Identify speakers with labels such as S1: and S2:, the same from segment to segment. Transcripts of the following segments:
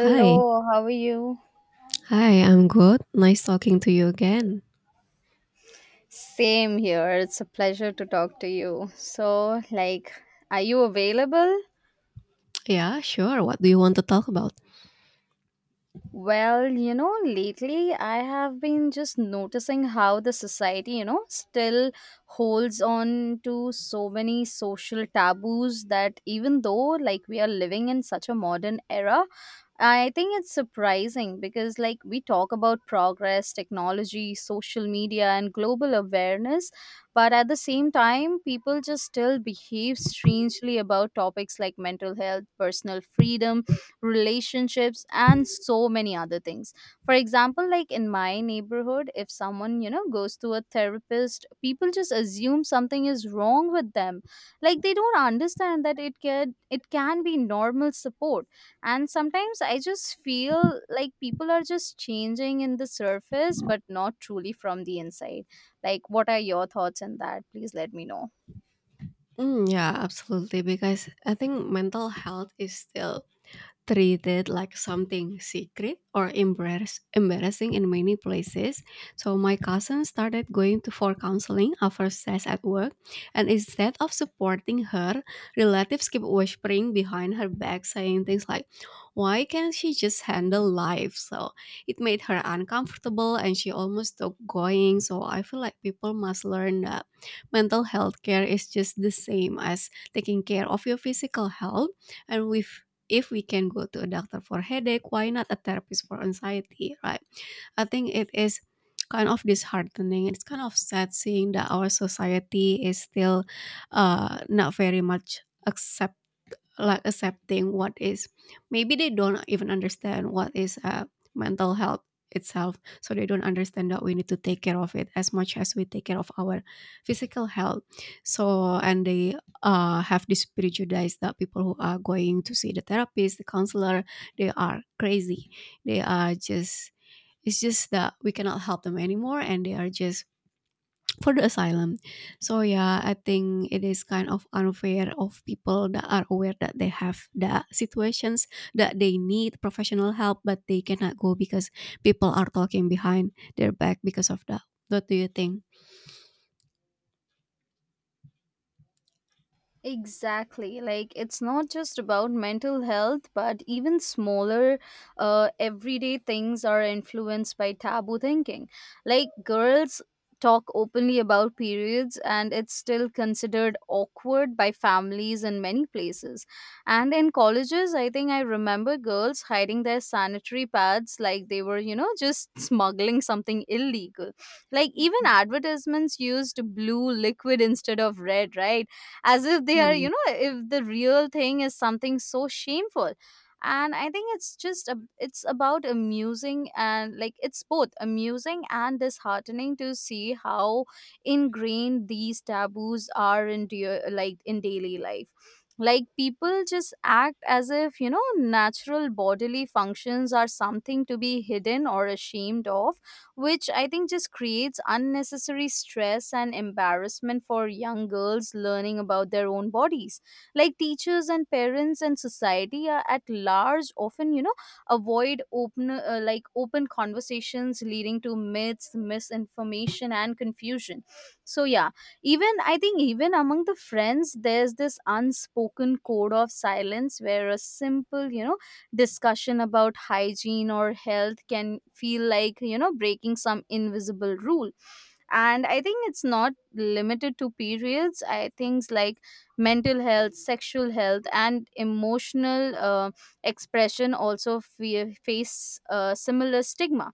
S1: Hi.
S2: how are you?
S1: Hi, I'm good. Nice talking to you again.
S2: Same here. It's a pleasure to talk to you. So, like, are you available?
S1: Yeah, sure. What do you want to talk about?
S2: Lately I have been just noticing how the society, still holds on to so many social taboos that even though like we are living in such a modern era, I think it's surprising because like we talk about progress, technology, social media and global awareness, but at the same time people just still behave strangely about topics like mental health, personal freedom, relationships and so many other things. For example, like in my neighborhood, if someone goes to a therapist, people just assume something is wrong with them. Like, they don't understand that it can be normal support. And sometimes I just feel like people are just changing in the surface but not truly from the inside. Like, what are your thoughts on that? Please let me know.
S1: Mm, yeah, absolutely. Because I think mental health is still treated like something secret or embarrassing in many places. So my cousin started going to for counseling after stress at work, and instead of supporting her, relatives keep whispering behind her back, saying things like, "Why can't she just handle life?" So it made her uncomfortable, and she almost stopped going. So I feel like people must learn that mental health care is just the same as taking care of your physical health, and we if we can go to a doctor for headache, why not a therapist for anxiety, right? I think it is kind of disheartening. It's kind of sad seeing that our society is still not very much accepting, like accepting what is. Maybe they don't even understand what is mental health itself, so they don't understand that we need to take care of it as much as we take care of our physical health. And they have this prejudice that people who are going to see the therapist, the counselor, they are crazy, they are just, it's just that we cannot help them anymore and they are just for the asylum. So yeah, I think it is kind of unfair of people that are aware that they have the situations that they need professional help, but they cannot go because people are talking behind their back because of that. What do you think?
S2: Exactly. Like, it's not just about mental health, but even smaller, everyday things are influenced by taboo thinking. Like, girls talk openly about periods, and it's still considered awkward by families in many places. And in colleges, I think I remember girls hiding their sanitary pads like they were, just smuggling something illegal. Like, even advertisements used blue liquid instead of red, right? As if they are,
S1: Mhm.
S2: if the real thing is something so shameful. And I think it's just it's about amusing, and like it's both amusing and disheartening to see how ingrained these taboos are in like in daily life. Like, people just act as if natural bodily functions are something to be hidden or ashamed of, which I think just creates unnecessary stress and embarrassment for young girls learning about their own bodies. Like, teachers and parents and society are at large often, avoid open like open conversations, leading to myths, misinformation and confusion. So yeah, even I think even among the friends there's this unspoken code of silence where a simple, discussion about hygiene or health can feel like breaking some invisible rule. And I think it's not limited to periods. I things like mental health, sexual health and emotional expression also face similar stigma.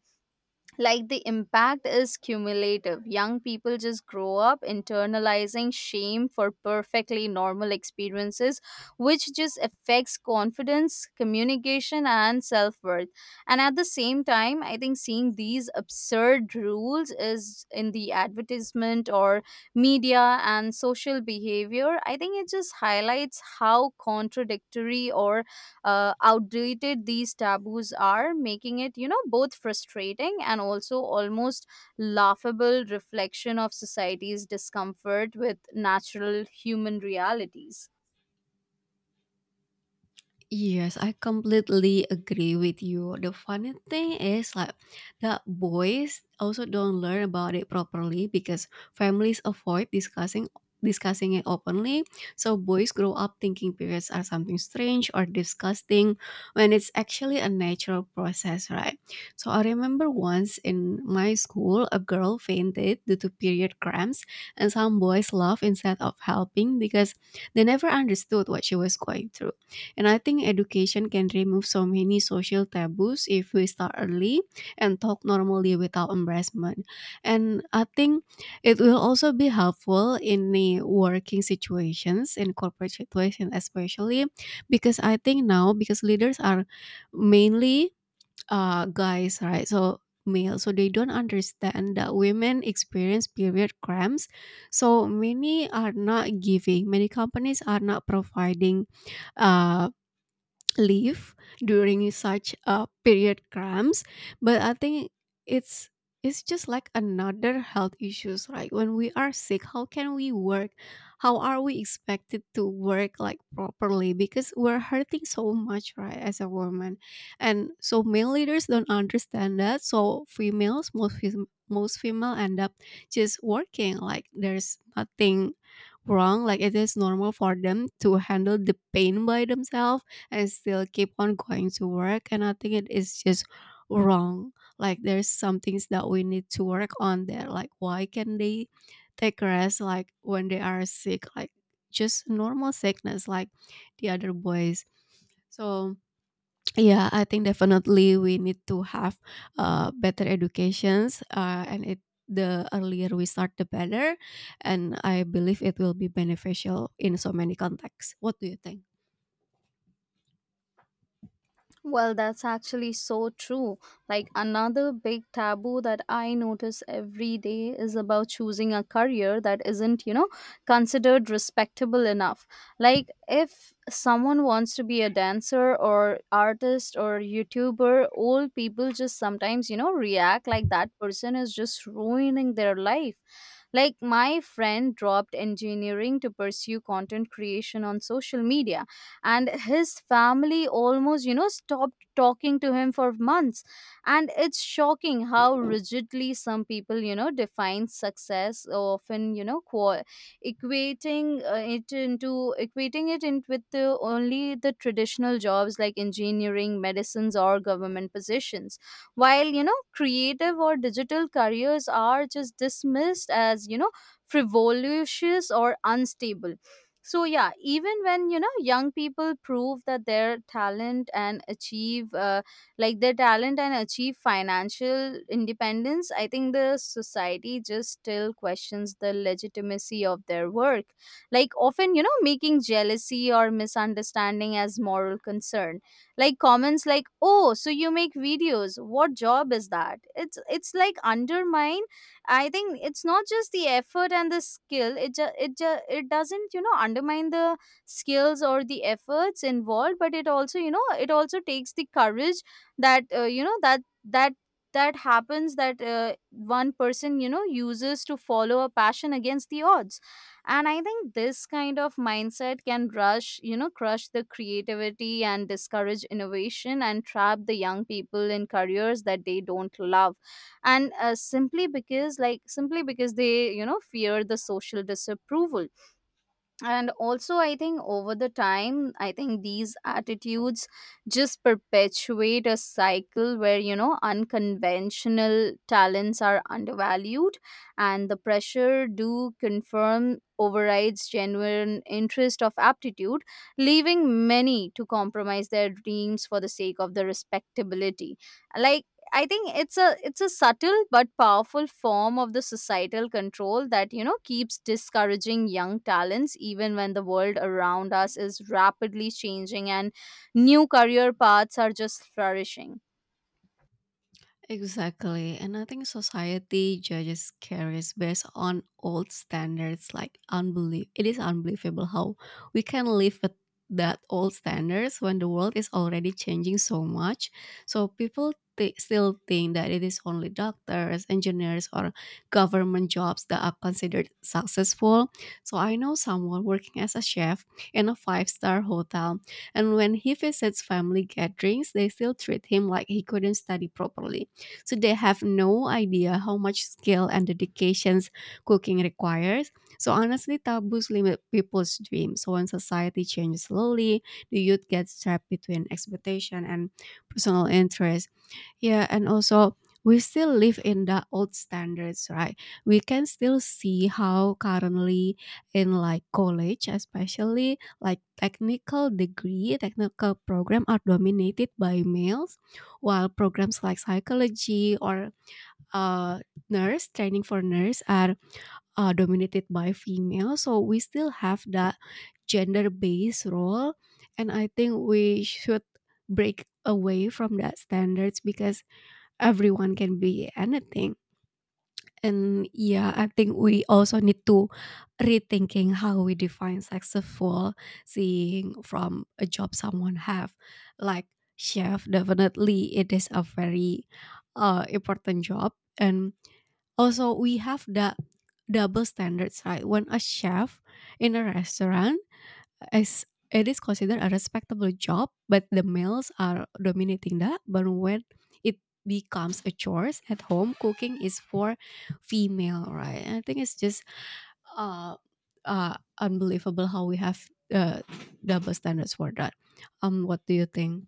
S2: Like, the impact is cumulative. Young people just grow up internalizing shame for perfectly normal experiences, which just affects confidence, communication and self-worth. And at the same time, I think seeing these absurd rules is in the advertisement or media and social behavior, I think it just highlights how contradictory or outdated these taboos are, making it, both frustrating and also almost laughable reflection of society's discomfort with natural human realities.
S1: Yes, I completely agree with you. The funny thing is like that boys also don't learn about it properly because families avoid discussing it openly. So boys grow up thinking periods are something strange or disgusting when it's actually a natural process, right? So I remember once in my school a girl fainted due to period cramps and some boys laughed instead of helping because they never understood what she was going through. And I think education can remove so many social taboos if we start early and talk normally without embarrassment. And I think it will also be helpful in the working situations, in corporate situations especially, because I think now because leaders are mainly guys, right? So male, so they don't understand that women experience period cramps. So many are not giving. Many companies are not providing uh, leave during such a period cramps, but I think it's it's just like another health issues, right? When we are sick, how can we work? How are we expected to work, like, properly because we're hurting so much, right, as a woman? And so male leaders don't understand that, so females, most most female end up just working like there's nothing wrong, like it is normal for them to handle the pain by themselves. I still keep on going to work, and I think it is just wrong. Like, there's some things that we need to work on there. Like, why can they take rest like when they are sick, like just normal sickness like the other boys? So yeah, I think definitely we need to have better educations, and it the earlier we start the better, and I believe it will be beneficial in so many contexts. What do you think?
S2: Well, that's actually so true. Like, another big taboo that I notice every day is about choosing a career that isn't, considered respectable enough. Like, if someone wants to be a dancer or artist or YouTuber, old people just sometimes, react like that person is just ruining their life. Like, my friend dropped engineering to pursue content creation on social media, and his family almost stopped talking to him for months. And it's shocking how rigidly some people define success, often equating it into equating it in with the only the traditional jobs like engineering, medicines or government positions, while creative or digital careers are just dismissed as frivolous or unstable. So yeah, even when young people prove that their talent and achieve their talent and achieve financial independence, I think the society just still questions the legitimacy of their work, like often making jealousy or misunderstanding as moral concern. Like, comments like, "Oh, so you make videos, what job is that?" It's like undermine. I think it's not just the effort and the skill. It doesn't undermine the skills or the efforts involved, but it also it also takes the courage that that happens, that one person uses to follow a passion against the odds. And I think this kind of mindset can rush crush the creativity and discourage innovation and trap the young people in careers that they don't love, and simply because they fear the social disapproval. And also, I think over the time, I think these attitudes just perpetuate a cycle where unconventional talents are undervalued and the pressure to confirm overrides genuine interest of aptitude, leaving many to compromise their dreams for the sake of the respectability. Like, I think it's a subtle but powerful form of the societal control that keeps discouraging young talents even when the world around us is rapidly changing and new career paths are just flourishing.
S1: Exactly. And I think society judges carriers based on old standards like unbelief. It is unbelievable how we can live with that old standards when the world is already changing so much. So people still think that it is only doctors, engineers or government jobs that are considered successful. So I know someone working as a chef in a five-star hotel, and when he visits family gatherings, they still treat him like he couldn't study properly, so they have no idea how much skill and dedications cooking requires. So honestly, taboos limit people's dreams. So when society changes slowly, the youth gets trapped between expectation and personal interest. Yeah, and also we still live in the old standards, right? We can still see how currently in like college, especially like technical degree, technical program are dominated by males, while programs like psychology or uh, nurse training for nurse are dominated by female. So we still have that gender-based role, and I think we should break away from that standards because everyone can be anything. And yeah, I think we also need to rethinking how we define successful, seeing from a job someone have. Like chef, definitely it is a very important job. And also we have the double standards, right? When a chef in a restaurant, as it is considered a respectable job, but the males are dominating that. But when it becomes a chores at home, cooking is for female, right? And I think it's just uh, unbelievable how we have uh, double standards for that. What do you think?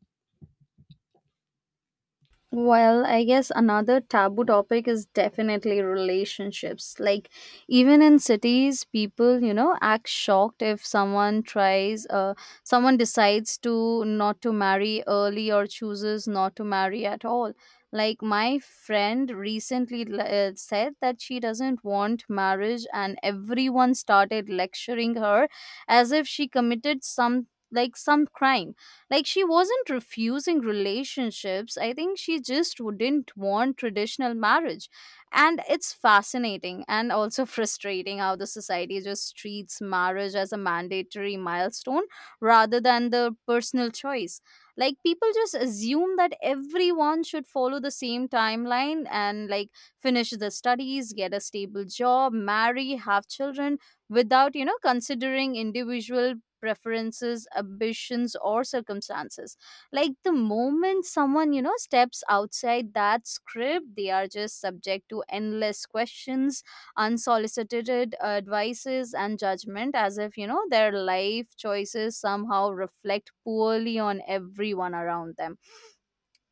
S2: Well, I guess another taboo topic is definitely relationships. Like, even in cities, people, act shocked if someone decides to not to marry early or chooses not to marry at all. Like, my friend recently said that she doesn't want marriage, and everyone started lecturing her as if she committed some, like, some crime. Like, she wasn't refusing relationships. I think she just wouldn't want traditional marriage. And it's fascinating and also frustrating how the society just treats marriage as a mandatory milestone rather than the personal choice. Like, people just assume that everyone should follow the same timeline and like finish the studies, get a stable job, marry, have children without, considering individual preferences, ambitions or circumstances. Like, the moment someone steps outside that script, they are just subject to endless questions, unsolicited advices and judgment, as if their life choices somehow reflect poorly on everyone around them.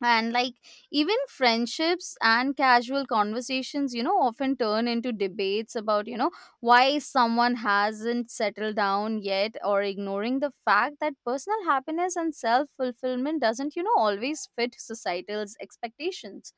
S2: And like, even friendships and casual conversations often turn into debates about why someone hasn't settled down yet, or ignoring the fact that personal happiness and self fulfillment doesn't always fit societal's expectations.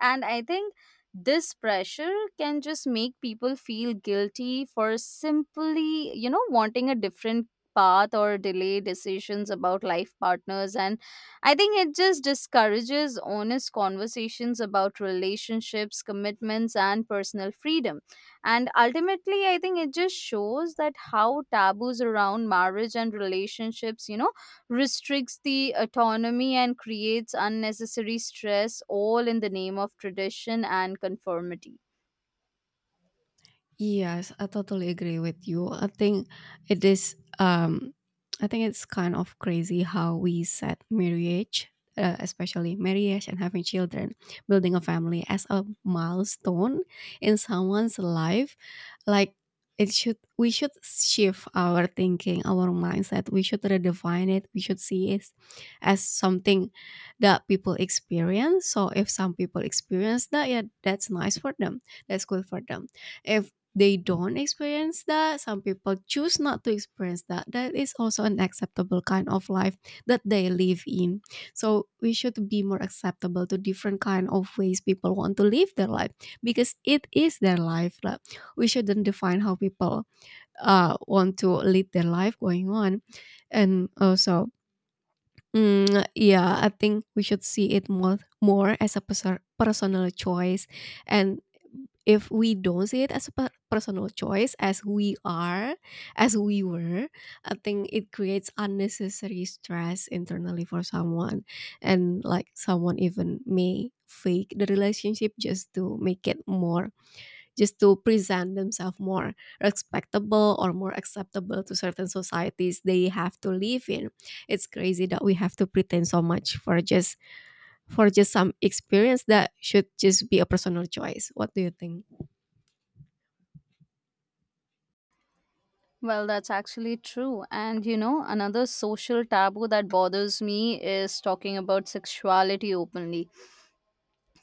S2: And I think this pressure can just make people feel guilty for simply wanting a different path or delay decisions about life partners. And I think it just discourages honest conversations about relationships, commitments, and personal freedom. And ultimately, I think it just shows that how taboos around marriage and relationships, restricts the autonomy and creates unnecessary stress, all in the name of tradition and conformity.
S1: Yes, I totally agree with you. I think it is I think it's kind of crazy how we set marriage, especially marriage and having children, building a family as a milestone in someone's life. Like it should we should shift our thinking, our mindset. We should redefine it. We should see it as something that people experience. So if some people experience that, yeah, that's nice for them. That's good for them. If they don't experience that, some people choose not to experience that, that is also an acceptable kind of life that they live in. So we should be more acceptable to different kind of ways people want to live their life, because it is their life. Like, we shouldn't define how people want to lead their life going on. And also, mm, yeah, I think we should see it more as a personal choice, and if we don't see it as a personal choice, as as we were, I think it creates unnecessary stress internally for someone, and like someone even may fake the relationship just to make it more just to present themselves more respectable or more acceptable to certain societies they have to live in. It's crazy that we have to pretend so much for just some experience that should just be a personal choice. What do you think?
S2: Well, that's actually true. And you know, another social taboo that bothers me is talking about sexuality openly.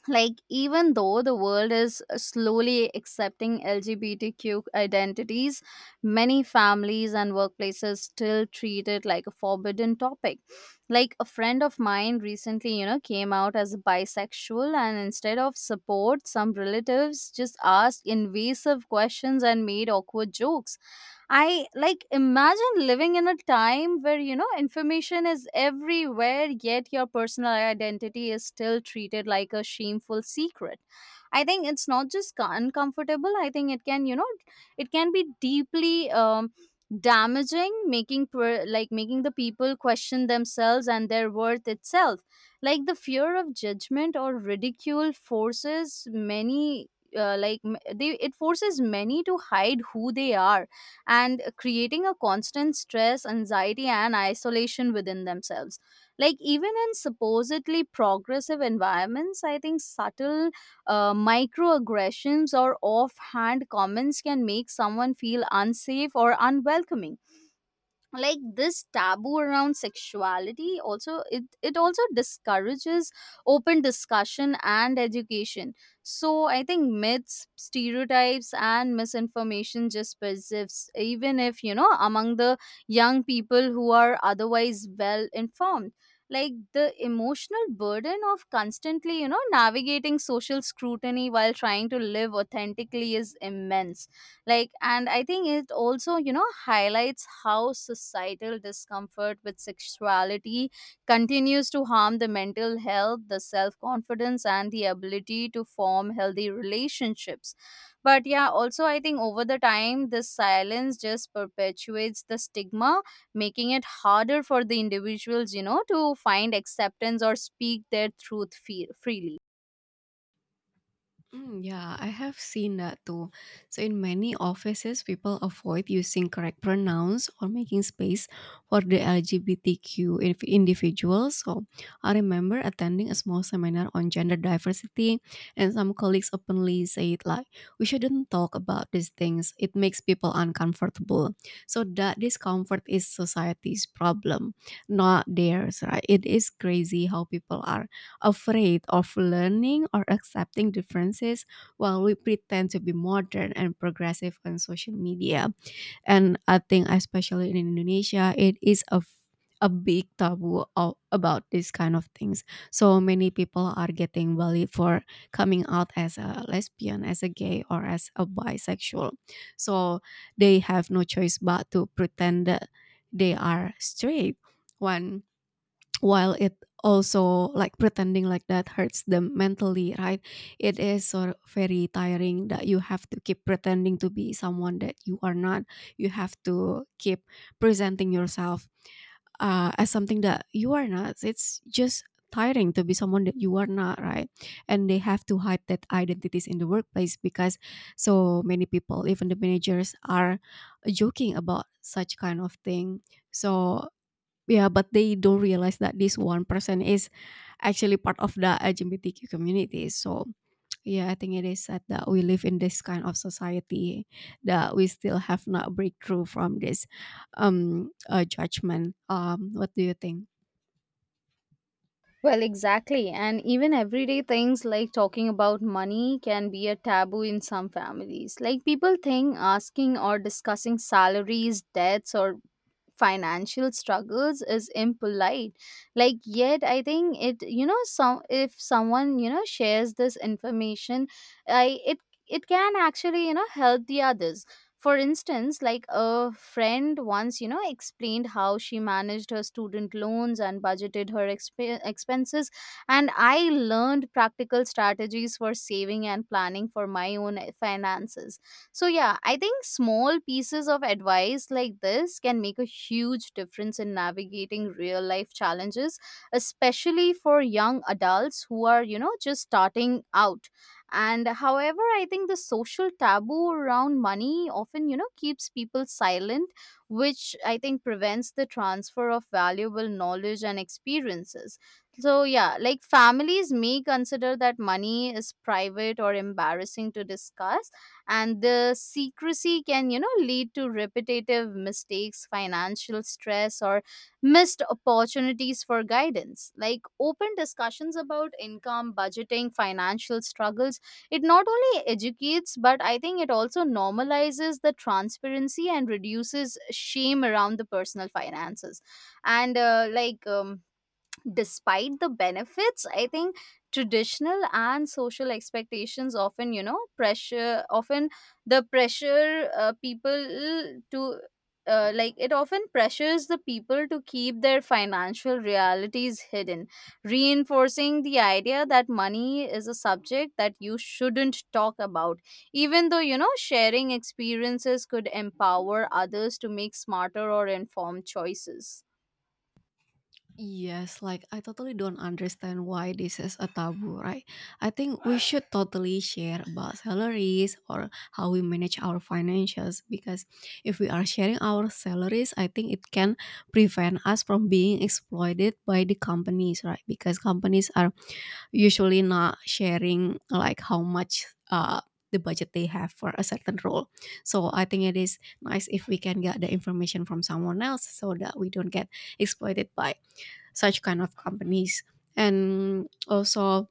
S2: Like, even though the world is slowly accepting LGBTQ identities, many families and workplaces still treat it like a forbidden topic. Like, a friend of mine recently came out as bisexual, and instead of support, some relatives just asked invasive questions and made awkward jokes. I like imagine living in a time where information is everywhere, yet your personal identity is still treated like a shameful secret. I think it's not just uncomfortable. I think it can it can be deeply damaging, making making the people question themselves and their worth itself. Like, the fear of judgment or ridicule forces many. Like m- they it forces many to hide who they are, and creating a constant stress, anxiety, and isolation within themselves. Like, even in supposedly progressive environments, I think subtle microaggressions or offhand comments can make someone feel unsafe or unwelcoming. Like, this taboo around sexuality also it also discourages open discussion and education. So I think myths, stereotypes and misinformation just persists, even if among the young people who are otherwise well informed. Like, the emotional burden of constantly navigating social scrutiny while trying to live authentically is immense. Like, and I think it also highlights how societal discomfort with sexuality continues to harm the mental health, the self confidence and the ability to form healthy relationships. But yeah, also I think over the time this silence just perpetuates the stigma, making it harder for the individuals to find acceptance or speak their truth freely.
S1: Mm, yeah, I have seen that too. So, in many offices, people avoid using correct pronouns or making space for the LGBTQ individuals. So, I remember attending a small seminar on gender diversity, and some colleagues openly said, like, we shouldn't talk about these things, it makes people uncomfortable. So, that discomfort is society's problem, not theirs, right? It is crazy how people are afraid of learning or accepting differences while we pretend to be modern and progressive on social media. And I think, especially in Indonesia, it is a big taboo about these kind of things. So many people are getting bullied for coming out as a lesbian, as a gay, or as a bisexual. So they have no choice but to pretend that they are straight. When while it also, like, pretending like that hurts them mentally, right? It is sort of very tiring that you have to keep pretending to be someone that you are not. You have to keep presenting yourself as something that you are not. It's just tiring to be someone that you are not, right? And they have to hide that identities in the workplace because so many people, even the managers, are joking about such kind of thing. So yeah, but they don't realize that this 1% is actually part of the LGBTQ community. So, yeah, I think it is sad that we live in this kind of society that we still have not breakthrough from this judgment. What do you think?
S2: Well, exactly. And even everyday things like talking about money can be a taboo in some families. Like people think asking or discussing salaries, debts, or financial struggles is impolite. Like yet I think it some if someone shares this information, I it it can actually help the others. For instance, like a friend once, explained how she managed her student loans and budgeted her expenses, and I learned practical strategies for saving and planning for my own finances. So, yeah, I think small pieces of advice like this can make a huge difference in navigating real life challenges, especially for young adults who are, you know, just starting out. And however, I think the social taboo around money often, you know, keeps people silent, which I think prevents the transfer of valuable knowledge and experiences. So, yeah, like families may consider that money is private or embarrassing to discuss, and the secrecy can, lead to repetitive mistakes, financial stress, or missed opportunities for guidance. Like open discussions about income, budgeting, financial struggles, it not only educates, but I think it also normalizes the transparency and reduces shame around the personal finances. And like Despite the benefits, I think traditional and social expectations often, pressure often the pressure people to like it often pressures the people to keep their financial realities hidden, reinforcing the idea that money is a subject that you shouldn't talk about, even though sharing experiences could empower others to make smarter or informed choices.
S1: Yes, like I totally don't understand why this is a taboo, right? I think we should totally share about salaries or how we manage our financials, because if we are sharing our salaries, I think it can prevent us from being exploited by the companies, right? Because companies are usually not sharing like how much uh the budget they have for a certain role. So I think it is nice if we can get the information from someone else so that we don't get exploited by such kind of companies. And also,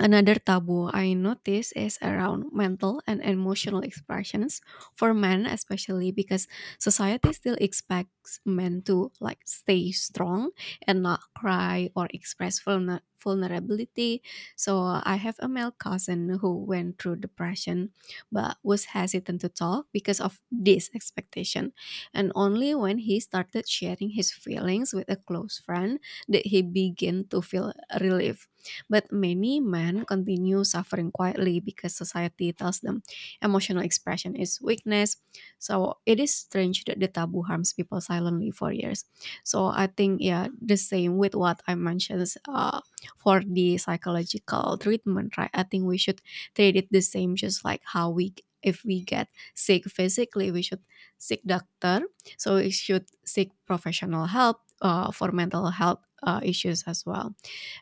S1: another taboo I notice is around mental and emotional expressions for men, especially because society still expects men to like stay strong and not cry or express vulnerability. So I have a male cousin who went through depression but was hesitant to talk because of this expectation. And only when he started sharing his feelings with a close friend did he begin to feel relief, but many men continue suffering quietly because society tells them emotional expression is weakness. So it is strange that the taboo harms people silently for years. So I think, yeah, the same with what I mentioned uh, for the psychological treatment, right? I think we should treat it the same, just like how we. If we get sick physically, we should seek doctor. So we should seek professional help for mental health issues as well.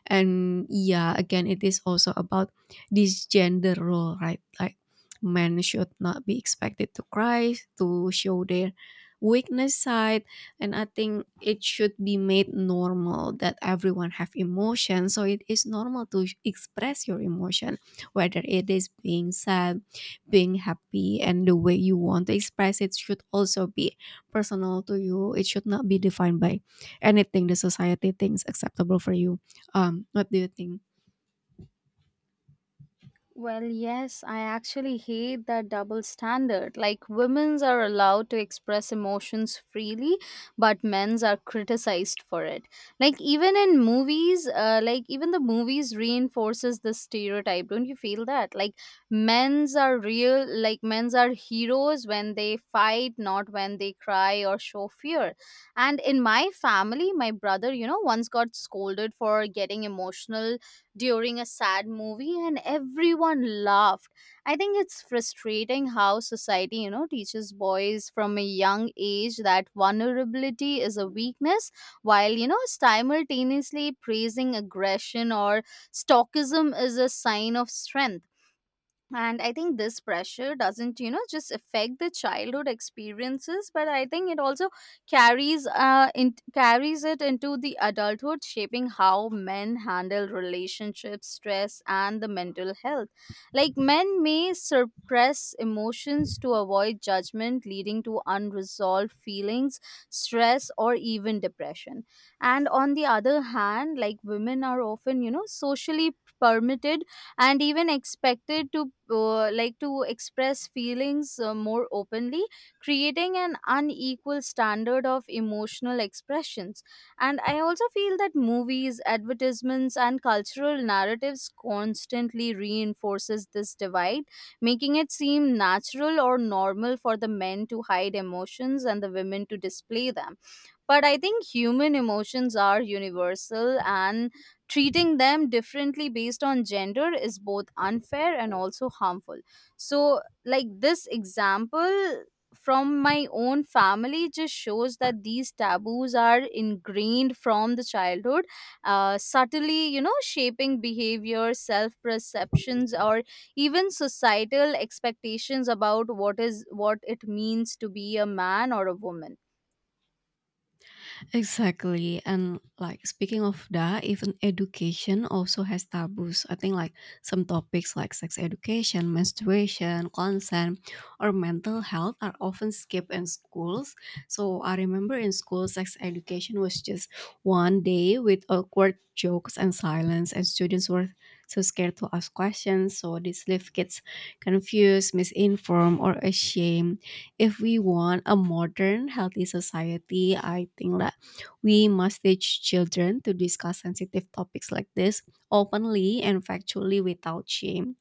S1: And yeah, again, it is also about this gender role, right? Like men should not be expected to cry to show their weakness side. And I think it should be made normal that everyone have emotion, so it is normal to express your emotion, whether it is being sad, being happy. And the way you want to express it should also be personal to you. It should not be defined by anything the society thinks acceptable for you. What do you think?
S2: Well, yes, I actually hate that double standard. Like, women's are allowed to express emotions freely, but men's are criticized for it. Like, even in movies, like, even the movies reinforces this stereotype. Don't you feel that? Like, men's are real, like, men's are heroes when they fight, not when they cry or show fear. And in my family, my brother, you know, once got scolded for getting emotional during a sad movie, and everyone laughed. I think it's frustrating how society, you know, teaches boys from a young age that vulnerability is a weakness, while, you know, simultaneously praising aggression or stoicism is a sign of strength. And I think this pressure doesn't, just affect the childhood experiences, but I think it also carries it into the adulthood, shaping how men handle relationships, stress, and the mental health. Like men may suppress emotions to avoid judgment, leading to unresolved feelings, stress, or even depression. And on the other hand, like women are often, socially permitted and even expected to, to express feelings more openly, creating an unequal standard of emotional expressions. And I also feel that movies, advertisements, and cultural narratives constantly reinforces this divide, making it seem natural or normal for the men to hide emotions and the women to display them. But I think human emotions are universal, and treating them differently based on gender is both unfair and also harmful. So, like this example from my own family just shows that these taboos are ingrained from the childhood, subtly, you know, shaping behavior, self perceptions, or even societal expectations about what is what it means to be a man or a woman.
S1: Exactly. And like speaking of that, even education also has taboos. I think like some topics like sex education, menstruation, consent, or mental health are often skipped in schools. So I remember in school, sex education was just one day with awkward jokes and silence, and students were so scared to ask questions. So this leave kids confused, misinformed, or ashamed. If we want a modern healthy society, I think that we must teach children to discuss sensitive topics like this openly and factually without shame.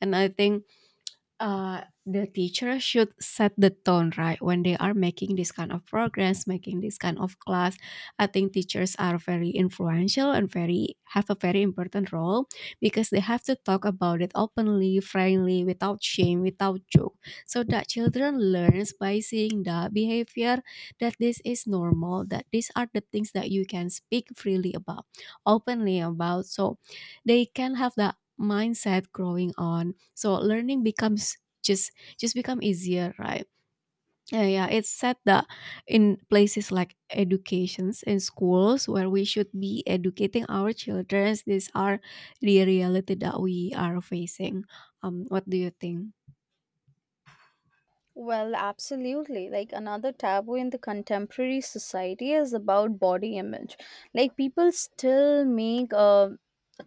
S1: And I think uh, the teacher should set the tone, right? When they are making this kind of programs, making this kind of class, I think teachers are very influential and very have a very important role, because they have to talk about it openly, friendly, without shame, without joke, so that children learns by seeing the behavior that this is normal, that these are the things that you can speak freely about, openly about. So they can have the mindset growing on, so learning becomes just just become easier, right? Yeah, yeah, it's said that in places like educations in schools where we should be educating our children, these are the reality that we are facing. What do you think?
S2: Well, absolutely. Like another taboo in the contemporary society is about body image. Like people still make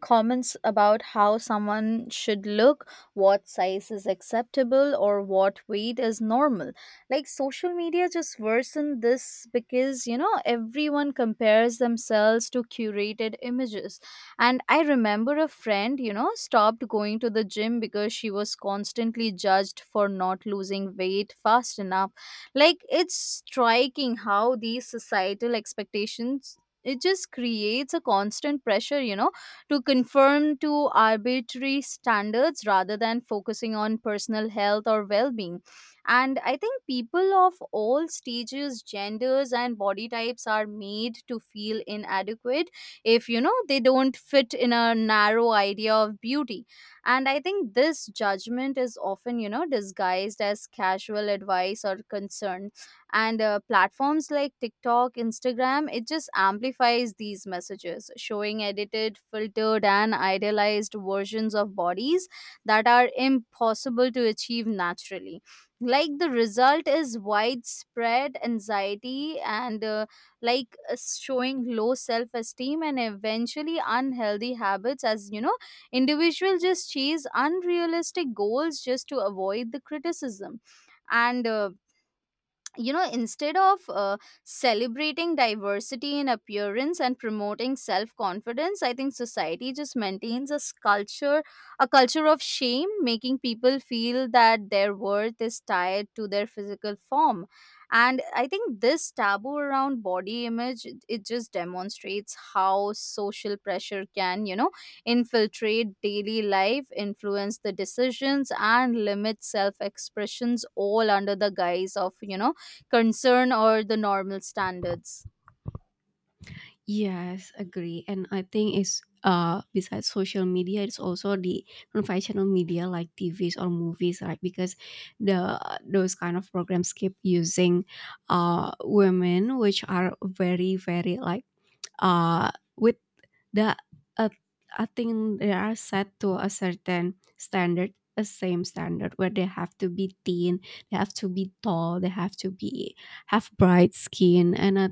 S2: comments about how someone should look, what size is acceptable, or what weight is normal. Like social media just worsen this because, you know, everyone compares themselves to curated images. And I remember a friend, you know, stopped going to the gym because she was constantly judged for not losing weight fast enough. Like it's striking how these societal expectations, it just creates a constant pressure, you know, to conform to arbitrary standards rather than focusing on personal health or well being. And I think people of all stages, genders, and body types are made to feel inadequate if, you know, they don't fit in a narrow idea of beauty. And I think this judgment is often, you know, disguised as casual advice or concern. And platforms like TikTok, Instagram, it just amplifies these messages, showing edited, filtered, and idealized versions of bodies that are impossible to achieve naturally. Like the result is widespread anxiety and, showing low self esteem and eventually unhealthy habits, as, you know, individuals just chase unrealistic goals just to avoid the criticism. And you know instead of celebrating diversity in appearance and promoting self confidence, I think society just maintains a culture, a culture of shame, making people feel that their worth is tied to their physical form. And I think this taboo around body image, it just demonstrates how social pressure can, infiltrate daily life, influence the decisions, and limit self expressions, all under the guise of, you know, concern or the normal standards.
S1: Yes, agree. And I think it's besides social media, it's also the conventional media like TVs or movies, right? Because the those kind of programs keep using women which are very, very like uh with the uh, I think they are set to a certain standard, a same standard where they have to be thin, they have to be tall, they have to be have bright skin, and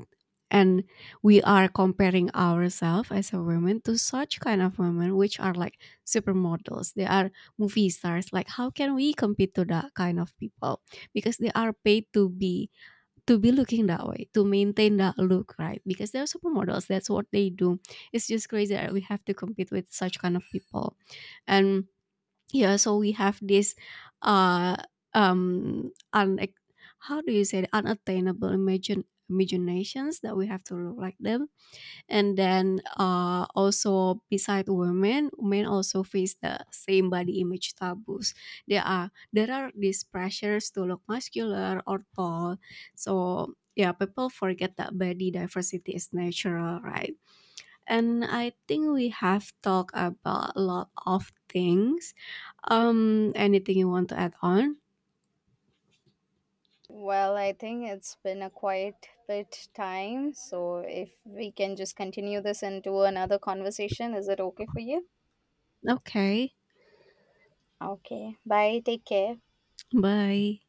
S1: and we are comparing ourselves as a woman to such kind of women which are like supermodels. They are movie stars. Like how can we compete to that kind of people, because they are paid to be looking that way, to maintain that look, right? Because they're supermodels, that's what they do. It's just crazy that we have to compete with such kind of people. And yeah, so we have this uh un how do you say it? Unattainable imagine imaginations that we have to look like them. And then also beside women, men also face the same body image taboos. There are these pressures to look muscular or tall. So yeah, people forget that body diversity is natural, right? And I think we have talked about a lot of things. Anything you want to add on?
S2: Well, I think it's been a quite bit time, so if we can just continue this into another conversation, is it okay for you?
S1: Okay.
S2: Okay. Bye. Take care.
S1: Bye.